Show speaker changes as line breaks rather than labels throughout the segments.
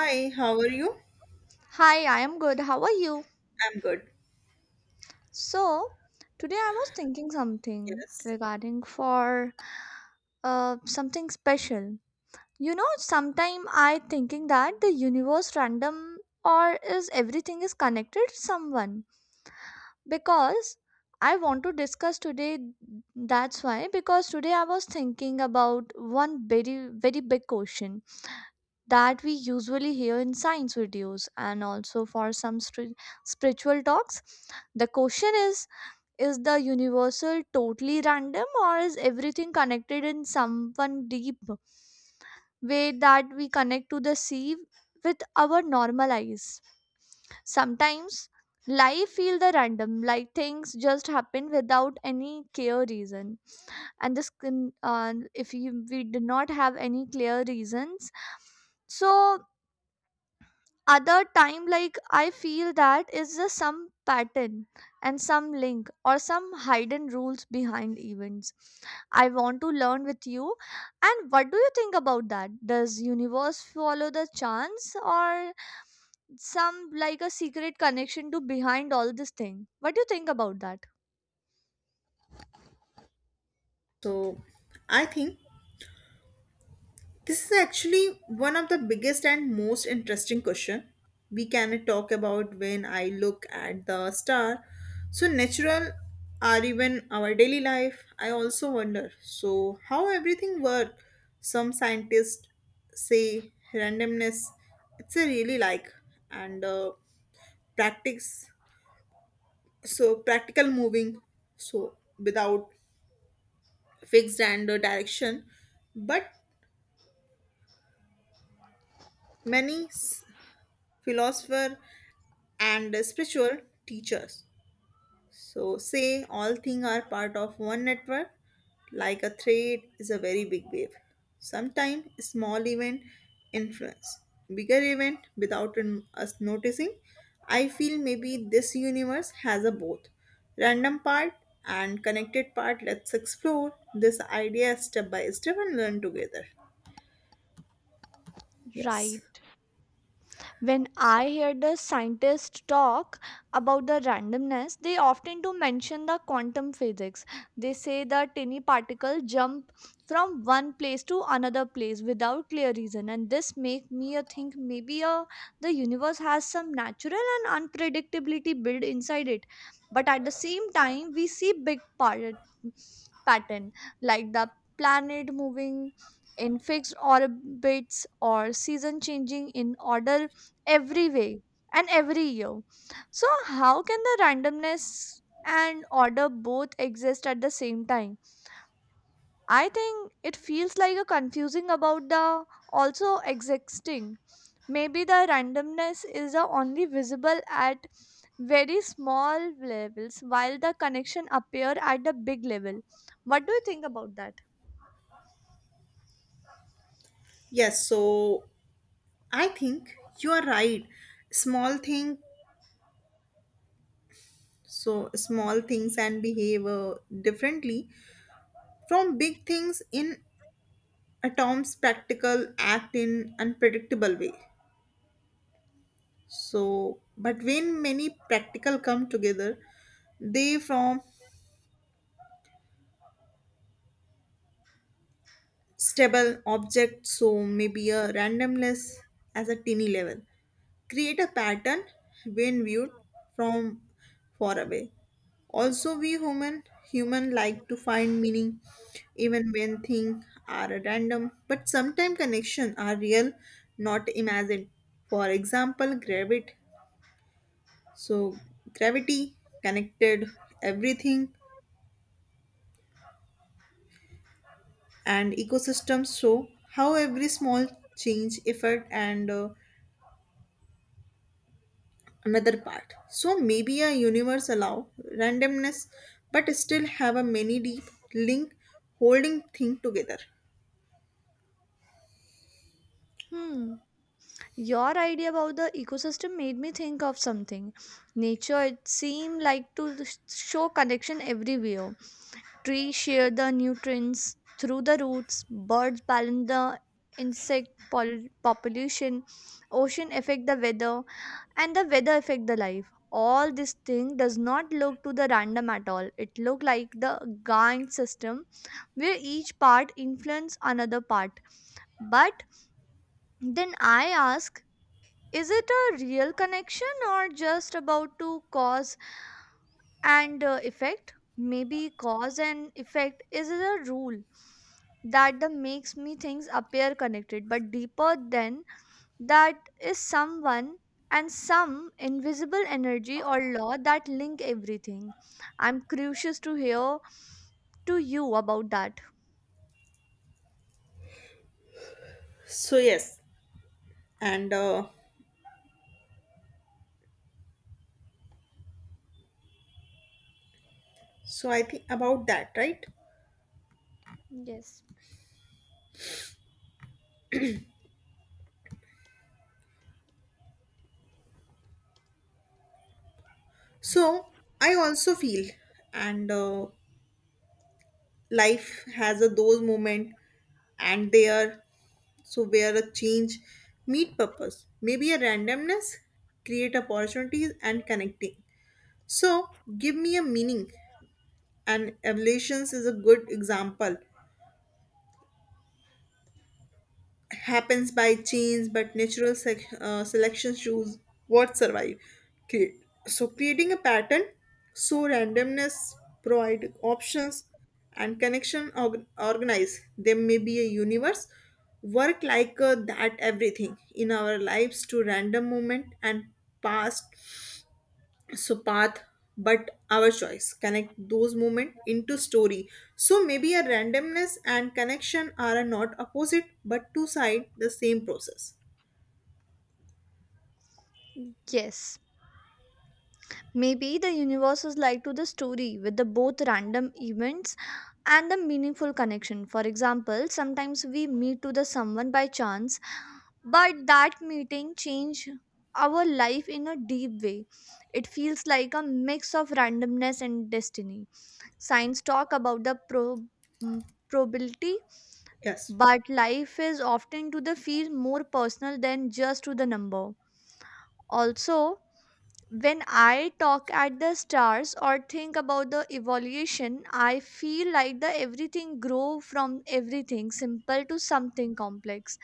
Hi, how are you?
Hi, I am good. How are you?
I'm good.
So, today I was thinking something
Yes.
regarding for something special. Sometime I thinking that the universe random or is everything is connected to someone because I want to discuss today, that's why, because today I was thinking about one very very big question that we usually hear in science videos and also for some spiritual talks. The question is the universal totally random or is everything connected in some one deep way that we connect to the sea with our normal eyes? Sometimes life feel the random, like things just happen without any clear reason, and this can if you, we do not have any clear reasons. So other time like I feel that is just some pattern and some link or some hidden rules behind events. I want to learn with you. And what do you think about that? Does universe follow the chance or some like a secret connection to behind all this thing? What do you think about that?
So, I think this is actually one of the biggest and most interesting question we can talk about when I look at the star. So natural or even our daily life, I also wonder. So how everything work? Some scientists say randomness. It's a really like and practice. So practical moving. So without fixed and direction, but many philosopher and spiritual teachers so say all things are part of one network, like a thread is a very big wave. Sometimes small event influence bigger event without us noticing. I feel maybe this universe has a both random part and connected part. Let's explore this idea step by step and learn together. Yes.
Right. When I hear the scientists talk about the randomness, they often do mention the quantum physics. They say the tiny particle jump from one place to another place without clear reason, and this make me a think maybe a, the universe has some natural and unpredictability built inside it. But at the same time, we see big part, pattern like the planet moving in fixed orbits or season changing in order every way and every year. So, how can the randomness and order both exist at the same time? I think it feels like a confusing about the also existing. Maybe the randomness is the only visible at very small levels while the connection appear at the big level. What do you think about that?
Yes, so I think you are right. Small thing, so small things and behave differently from big things. In atoms, practical act in unpredictable way. So, but when many practical come together, they form stable object. So maybe a randomness as a tiny level create a pattern when viewed from far away. Also, we human like to find meaning even when things are random, but sometimes connection are real, not imagined. For example, gravity. So gravity connected everything, and ecosystems show how every small change, effort, and another part. So maybe a universe allow randomness but still have a many deep link holding thing together.
Hmm. Your idea about the ecosystem made me think of something. Nature, it seemed like to show connection everywhere. Trees share the nutrients through the roots, birds balance the insect population, ocean affect the weather, and the weather affect the life. All this thing does not look to the random at all. It look like the giant system where each part influence another part. But then I ask, is it a real connection or just about to cause and effect? Maybe cause and effect is a rule that the makes me things appear connected, but deeper than that is someone and some invisible energy or law that link everything. I'm curious to hear to you about that.
So yes, and so I think about that, right?
Yes,
So I also feel, and life has a those moment, and there, so where a change meet purpose. Maybe a randomness create opportunities and connecting, so give me a meaning. And evolutions is a good example, happens by genes, but natural selection choose what survive, create, so creating a pattern. So randomness provide options and connection organize. There may be a universe work like that. Everything in our lives to random moment and past, so path, but our choice connect those moment into story. So maybe a randomness and connection are not opposite but two side the same process.
yes, maybe the universe is like to the story with the both random events and the meaningful connection. For example, sometimes we meet to the someone by chance, but that meeting changed our life in a deep way. It feels like a mix of randomness and destiny. Science talk about the probability,
Yes.
but life is often to the feel more personal than just to the number. Also, when I talk at the stars or think about the evolution, I feel like the everything grow from everything simple to something complex.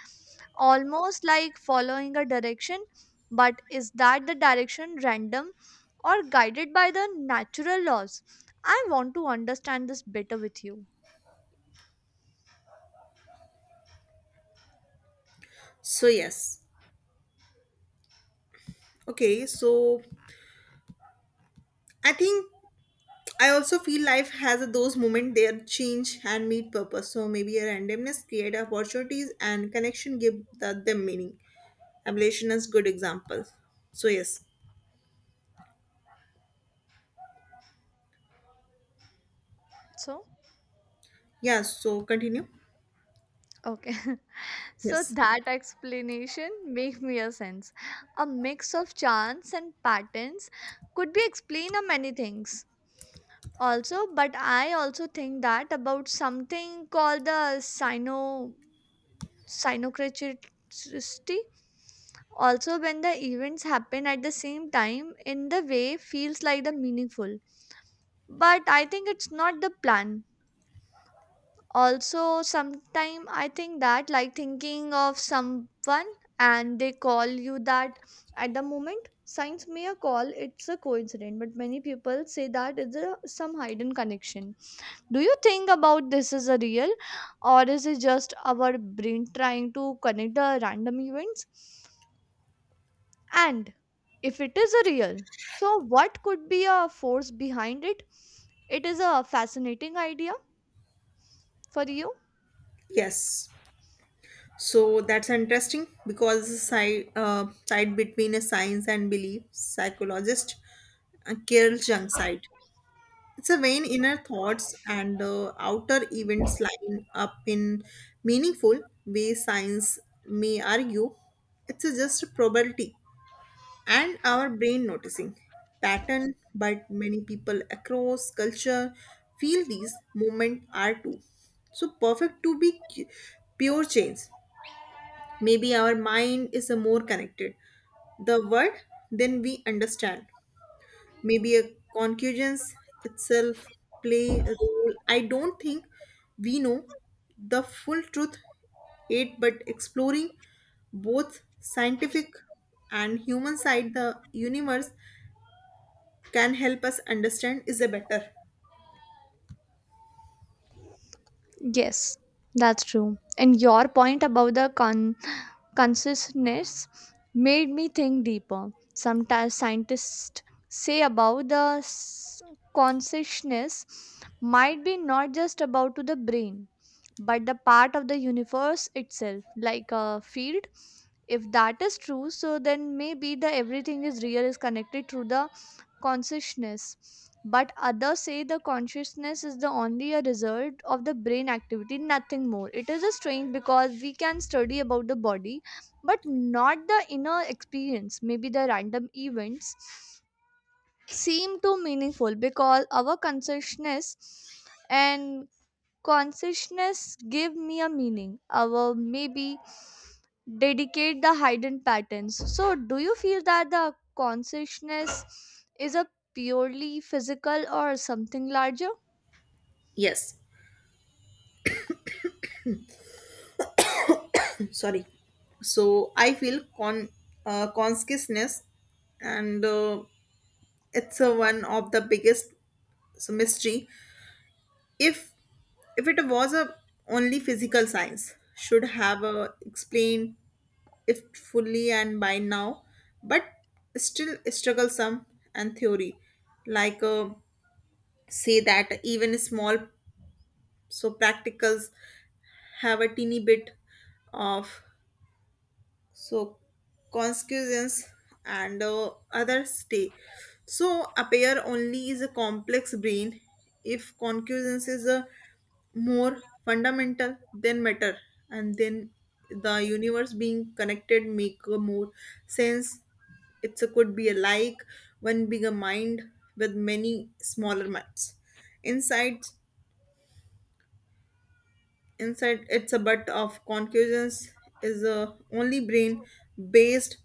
Almost like following a direction, but is that the direction random or guided by the natural laws? I want to understand this better with you.
So yes, okay, so I think I also feel life has those moment, their change and meet purpose. So maybe a randomness create opportunities and connection give them meaning. Ablation is good example. So yes.
So,
Yeah, so continue.
okay. So
Yes.
that explanation make mere sense. A mix of chance and patterns could be explained of many things. Also, but I also think that about something called the sino synchronicity. Also, when the events happen at the same time in the way feels like the meaningful. But I think it's not the plan. Also sometime I think that like thinking of someone and they call you that at the moment, signs may a call it's a coincidence, but many people say that it's a some hidden connection. Do you think about this is a real, or is it just our brain trying to connect the random events? And if it is a real, so what could be a force behind it? It is a fascinating idea for you.
Yes, so that's interesting because the side between a science and belief, psychologist Carol Jung side. It's a vain inner thoughts and outer events line up in meaningful way. Science may argue it's a just a probability and our brain noticing pattern, but many people across culture feel these movement are too. So perfect to be pure change. Maybe our mind is a more connected the word then we understand. Maybe a concussions itself play a role. I don't think we know the full truth it, but exploring both scientific and human side the universe can help us understand is a better.
Yes, that's true. And your point about the consciousness made me think deeper. Sometimes scientists say about the consciousness might be not just about to the brain, but the part of the universe itself, like a field. If that is true, so then maybe the everything is real is connected through the consciousness. But others say the consciousness is the only a result of the brain activity, nothing more. It is a strange because we can study about the body but not the inner experience. Maybe the random events seem too meaningful because our consciousness and consciousness give me a meaning, or maybe dedicate the hidden patterns. So do you feel that the consciousness is a purely physical or something larger?
Yes. Sorry, so I feel consciousness, and it's a one of the biggest so mystery. If it was a only physical, science should have a explained it fully and by now, but still struggle some. And theory like say that even small so practicals have a teeny bit of so consequences, and other stay so appear only is a complex brain. If consequences is a more fundamental than matter, and then the universe being connected make a more sense. It's a could be a like one bigger mind with many smaller minds inside it's a. But of concussions is a only brain based,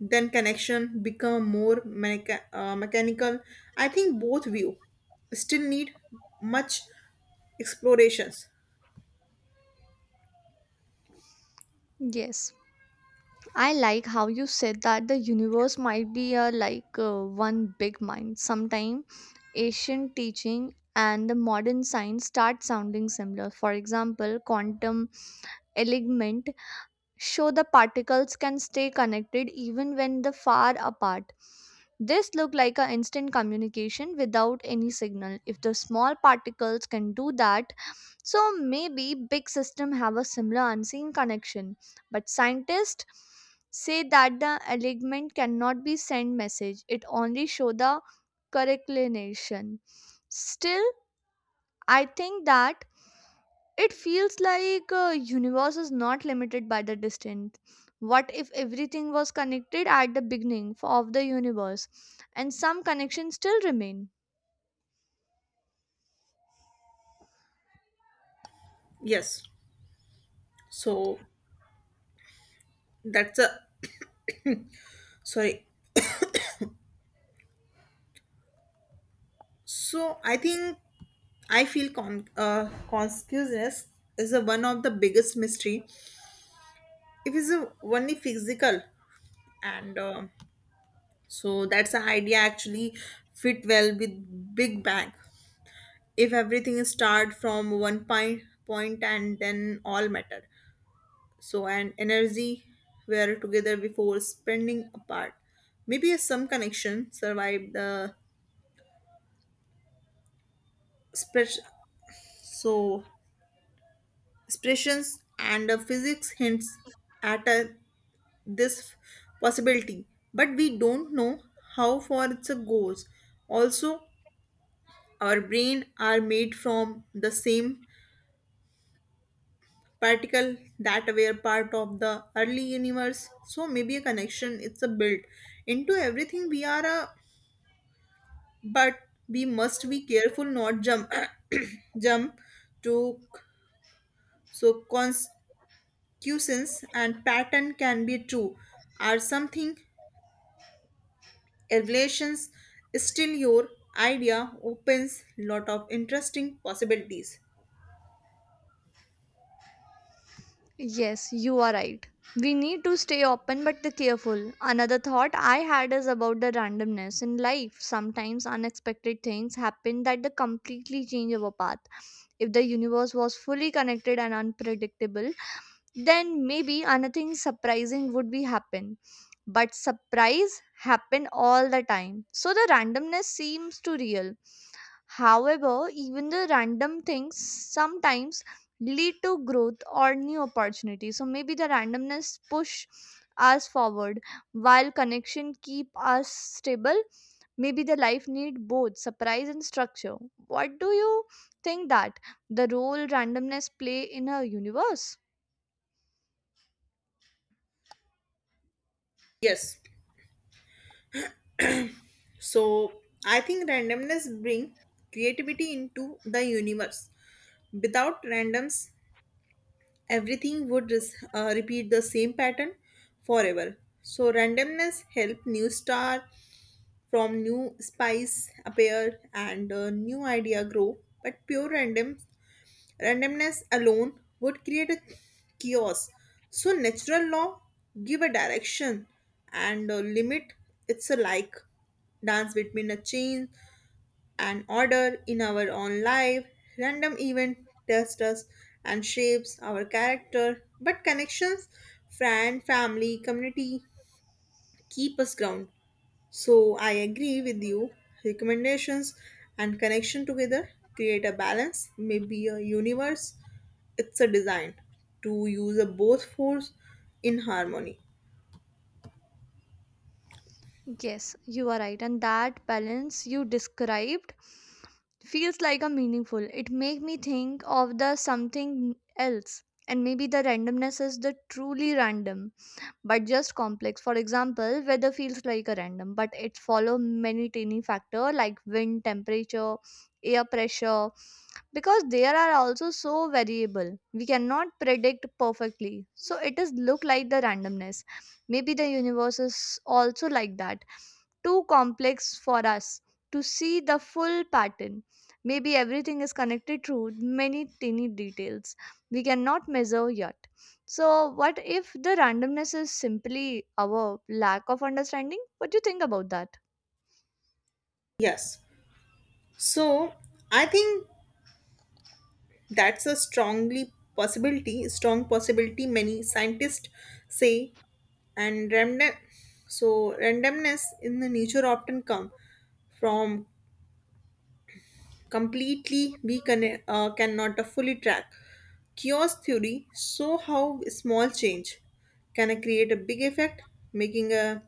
then connection become more mechanical. I think both view still need much explorations.
Yes, I like how you said that the universe might be a like one big mind. Sometime Asian teaching and the modern science start sounding similar. For example, quantum element show the particles can stay connected even when they far apart. This look like an instant communication without any signal. If the small particles can do that, so maybe big system have a similar unseen connection. But scientists say that the alignment cannot be send message. It only show the correlation. Still, I think that it feels like universe is not limited by the distance. What if everything was connected at the beginning of the universe and some connections still remain?
Yes. So that's a, sorry, so I think I feel consciousness is a one of the biggest mystery. If it's a only physical, and so that's the idea actually fit well with big bang. If everything start from one point and then all matter so and energy were together before spending apart, maybe a some connection survived the express, so expressions. And the physics hints at a this possibility, but we don't know how far it goes. Also, our brain are made from the same particle that were part of the early universe, so maybe a connection it's a built into everything we are a. But we must be careful not jump jump to so consequences, and pattern can be true are something revelations. Still, your idea opens lot of interesting possibilities.
Yes, you are right. We need to stay open but the careful. Another thought I had is about the randomness in life. Sometimes unexpected things happen that they completely change our path. If the universe was fully connected and unpredictable, then maybe anything surprising would be happen. But surprise happen all the time, so the randomness seems to real. However, even the random things sometimes lead to growth or new opportunities, so maybe the randomness push us forward while connection keep us stable. Maybe the life need both surprise and structure. What do you think that the role randomness play in a universe?
Yes, so I think randomness bring creativity into the universe. Without randoms, everything would repeat the same pattern forever. So randomness help new star from new spice appear, and new idea grow. But pure randomness alone would create a chaos. So natural law give a direction and limit. It's a like dance between a chain and order in our own life. Random event tests us and shapes our character, but connections, friend, family, community keep us ground. So I agree with you. Recommendations and connection together create a balance, maybe a universe. It's a design to use a both force in harmony.
Yes, you are right. And that balance you described feels like a meaningful. It make me think of the something else. And maybe the randomness is the truly random, but just complex. For example, weather feels like a random, but it follow many tiny factor like wind, temperature, air pressure, because there are also so variable. We cannot predict perfectly. So it is look like the randomness. Maybe the universe is also like that, too complex for us to see the full pattern. Maybe everything is connected through many tiny details we cannot measure yet. So, what if the randomness is simply our lack of understanding? What do you think about that?
Yes. So I think that's a strongly possibility, strong possibility. Many scientists say, and random, so randomness in the nature often come from completely we can, cannot fully track. Chaos theory show how small change can create a big effect, making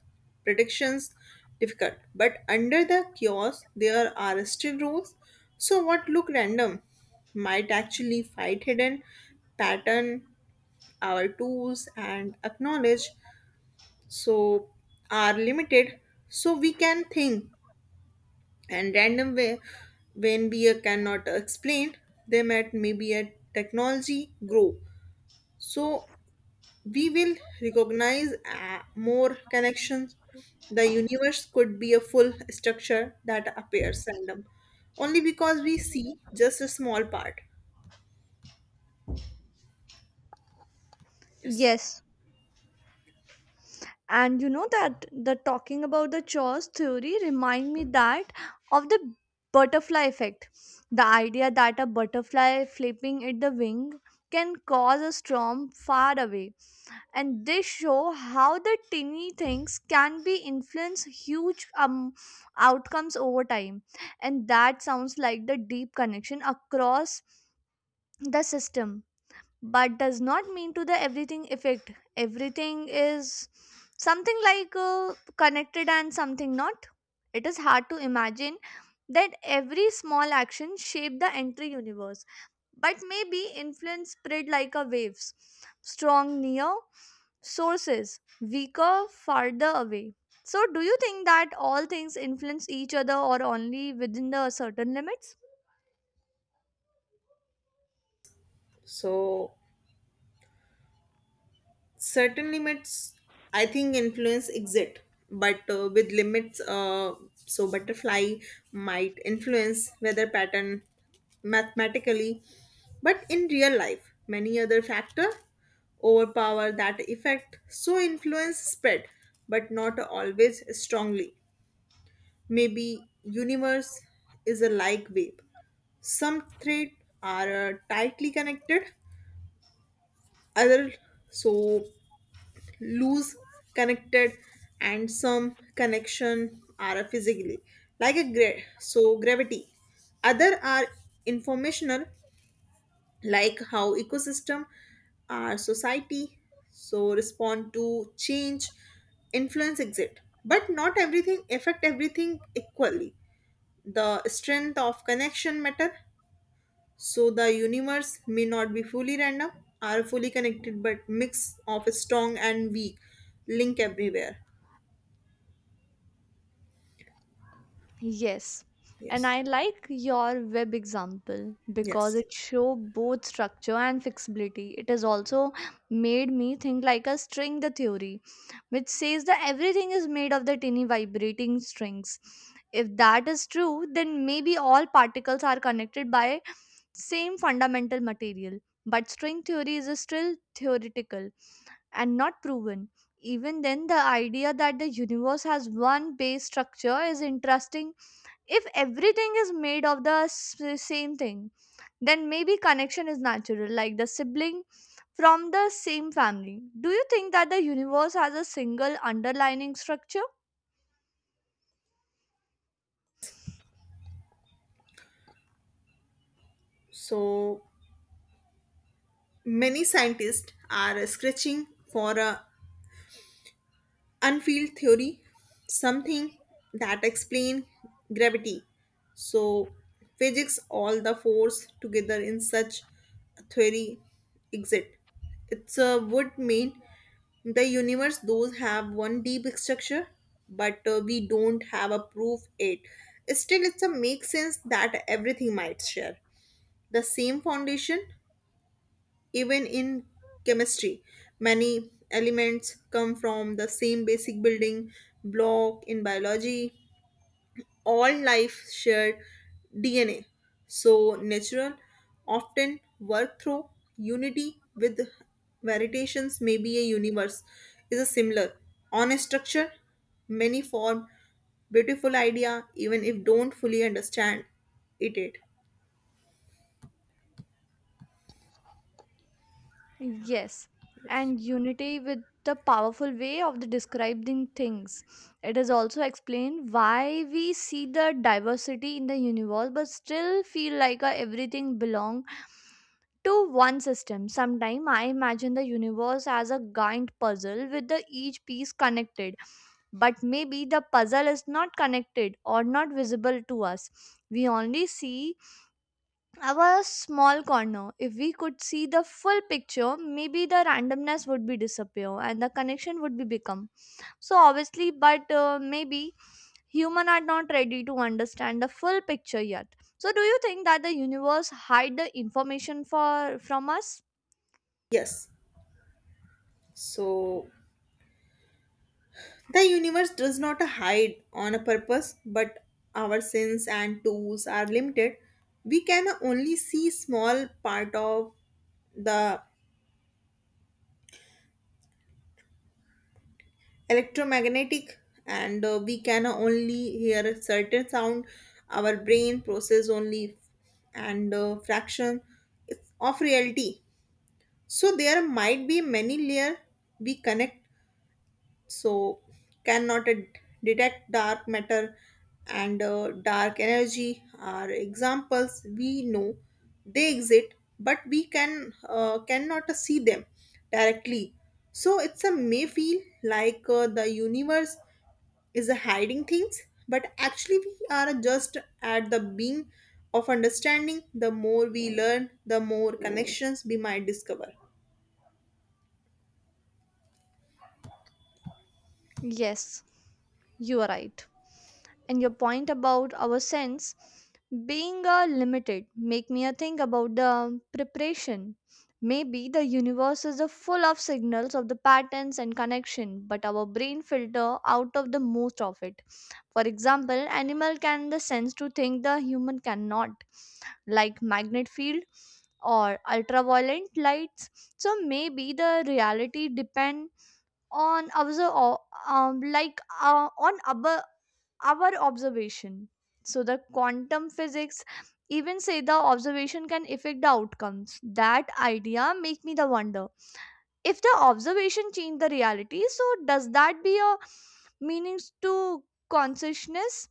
predictions difficult. But under the chaos, there are still rules. So what look random might actually fight hidden pattern. Our tools and acknowledge so are limited. So we can think and random way when beer cannot explain them. At maybe at technology grow, so we will recognize more connections. The universe could be a full structure that appears random only because we see just a small part. Yes.
Yes, and you know that the talking about the chores theory remind me that of the butterfly effect, the idea that a butterfly flipping at the wing can cause a storm far away, and they show how the tiny things can be influence huge outcomes over time. And that sounds like the deep connection across the system, but does not mean to the everything effect everything. Is something like connected and something not. It is hard to imagine that every small action shape the entire universe, but maybe influence spread like a waves, strong near sources, weaker farther away. So do you think that all things influence each other or only within the certain limits?
So certain limits, I think influence exit, but with limits. So butterfly might influence weather pattern mathematically, but in real life many other factor overpower that effect. So influence spread but not always strongly. Maybe universe is a like wave. Some threads are tightly connected, other so loose connected. And some connection are physically like a so gravity, other are informational, like how ecosystem, our society so respond to change. Influence exit but not everything affect everything equally. The strength of connection matter, so the universe may not be fully random or fully connected, but mix of strong and weak link everywhere.
Yes. And
Yes.
I like your web example because
Yes.
it show both structure and flexibility. It has also made me think like a string the theory, which says that everything is made of the tiny vibrating strings. If that is true, then maybe all particles are connected by same fundamental material. But string theory is still theoretical and not proven. Even then, the idea that the universe has one base structure is interesting. If everything is made of the same thing, then maybe connection is natural like the sibling from the same family. Do you think that the universe has a single underlining structure?
So many scientists are scratching for a unfield theory, something that explain gravity, so physics all the force together. In such a theory exist, it's would mean the universe those have one deep structure, but we don't have a proof it. Still, it's a make sense that everything might share the same foundation. Even in chemistry, many elements come from the same basic building block. In biology, all life shared DNA, so natural often work through unity with variations. Maybe a universe is a similar on a structure, many form. Beautiful idea, even if don't fully understand it.
Yes, and unity with the powerful way of the describing things. It is also explained why we see the diversity in the universe but still feel like everything belong to one system. Sometimes I imagine the universe as a giant puzzle with the each piece connected, but maybe the puzzle is not connected or not visible to us. We only see our small corner. If we could see the full picture, maybe the randomness would be disappear and the connection would be become. So obviously, but maybe human are not ready to understand the full picture yet. So do you think that the universe hide the information for from us?
Yes, so the universe does not hide on a purpose, but our sins and tools are limited. We can only see small part of the electromagnetic, and we can only hear a certain sound. Our brain process only, and fraction of reality. So there might be many layer we connect so cannot detect. Dark matter and dark energy are examples. We know they exist, but we can, cannot see them directly. So it's a may feel like the universe is a hiding things, but actually we are just at the being of understanding. The more we learn, the more connections we might discover.
Yes, you are right. And your point about our sense being limited make me a think about the preparation. Maybe the universe is a full of signals of the patterns and connection, but our brain filter out of the most of it. For example, animal can the sense to think the human cannot, like magnet field or ultraviolet lights. So maybe the reality depend on observe like on our observation. So the quantum physics even say the observation can affect the outcomes. That idea make me the wonder, if the observation change the reality, so does that be a meanings to consciousness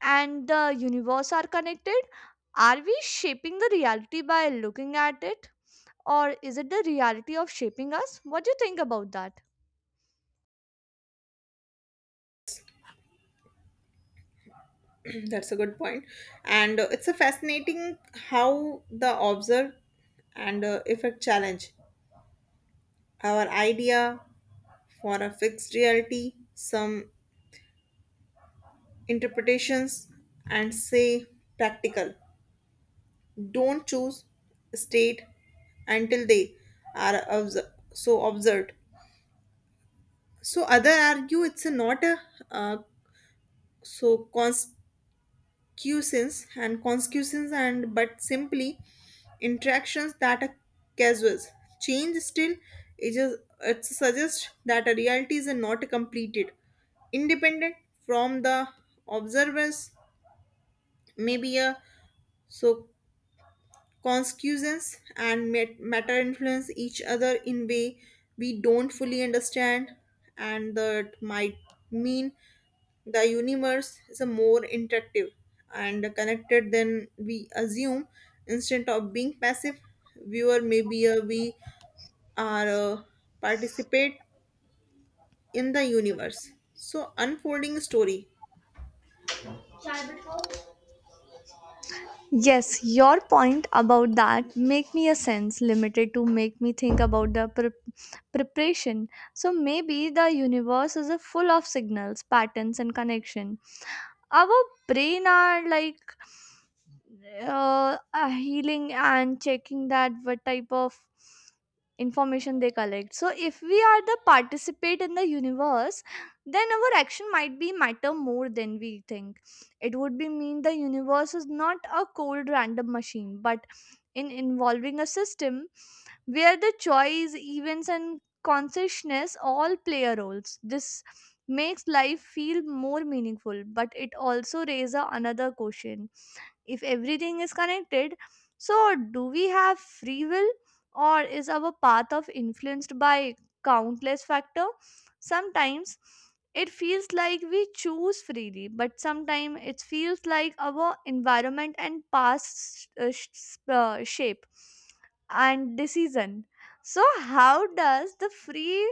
and the universe are connected? Are we shaping the reality by looking at it, or is it the reality of shaping us? What do you think about that?
That's a good point. And it's a fascinating how the observe and effect challenge our idea for a fixed reality. Some interpretations and say practical don't choose state until they are observed. So other argue it's a not a uh, so constant quiescence and consciousness and but simply interactions that are casual. Change still is just, it suggests that a reality is not completed, independent from the observers. Maybe a so consciousness and matter influence each other in way we don't fully understand, and that might mean the universe is a more interactive and connected than we assume. Instead of being passive viewer, maybe we are, participate in the universe. So unfolding story.
Yes, your point about that make me a sense limited to make me think about the preparation. So maybe the universe is a full of signals, patterns and connection. Our brain are like healing and checking that what type of information they collect. So if we are the participate in the universe, then our action might be matter more than we think. It would be mean the universe is not a cold random machine but in involving a system where the choice, events, and consciousness all play a roles. This makes life feel more meaningful, but it also raises another question, if everything is connected, so do we have free will, or is our path of influenced by countless factor? Sometimes it feels like we choose freely, but sometimes it feels like our environment and past shape and decision. So how does the free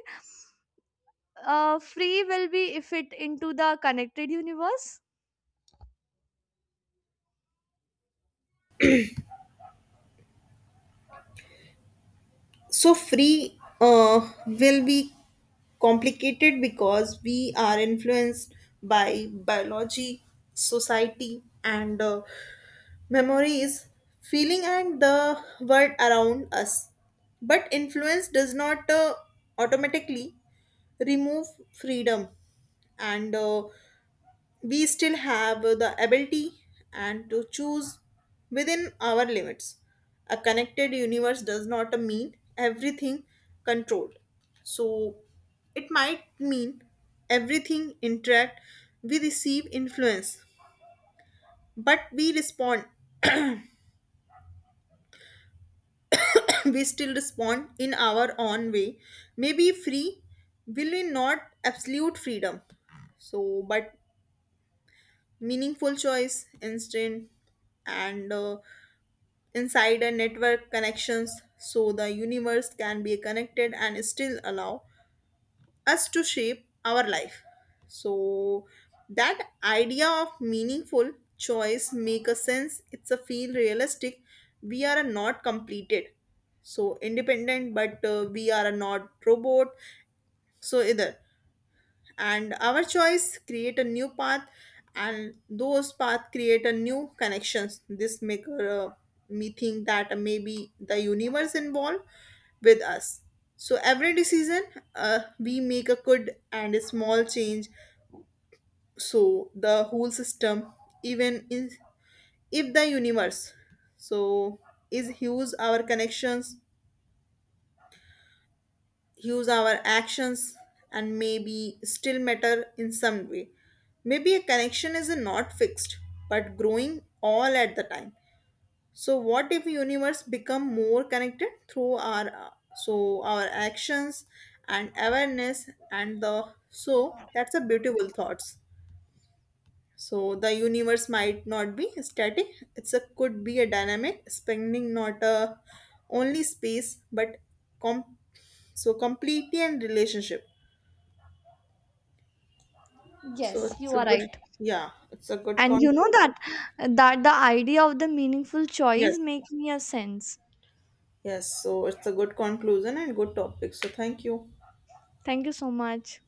uh, free will be if it into the connected universe?
So free will be complicated because we are influenced by biology, society, and memories, feeling, and the world around us. But influence does not automatically remove freedom, and we still have the ability and to choose within our limits. A connected universe does not mean everything controlled. So it might mean everything interact. We receive influence, but we respond. We still respond in our own way. Maybe free will we not absolute freedom, so, but meaningful choice instant, and insider network connections. So the universe can be connected and still allow us to shape our life. So that idea of meaningful choice make a sense. It's a feel realistic. We are not completed so independent, but we are not robot so either. And our choice create a new path, and those path create a new connections. This make me think that maybe the universe involved with us. So every decision we make a good and a small change so the whole system, even in, if the universe so is huge. Our connections use our actions and maybe still matter in some way. Maybe a connection is not fixed but growing all at the time. So what if universe become more connected through our so our actions and awareness, and the so that's a beautiful thoughts. So the universe might not be static. It's a could be a dynamic, spanning not a only space but com- completely and relationship. So
Yes,
it's
you
a
are
good.
right.
Yeah, it's a good
And you know that
conclusion.
that the idea of the meaningful choice
Yes.
make me a sense.
Yes, so it's a good conclusion and good topic. So thank you.
Thank you so much.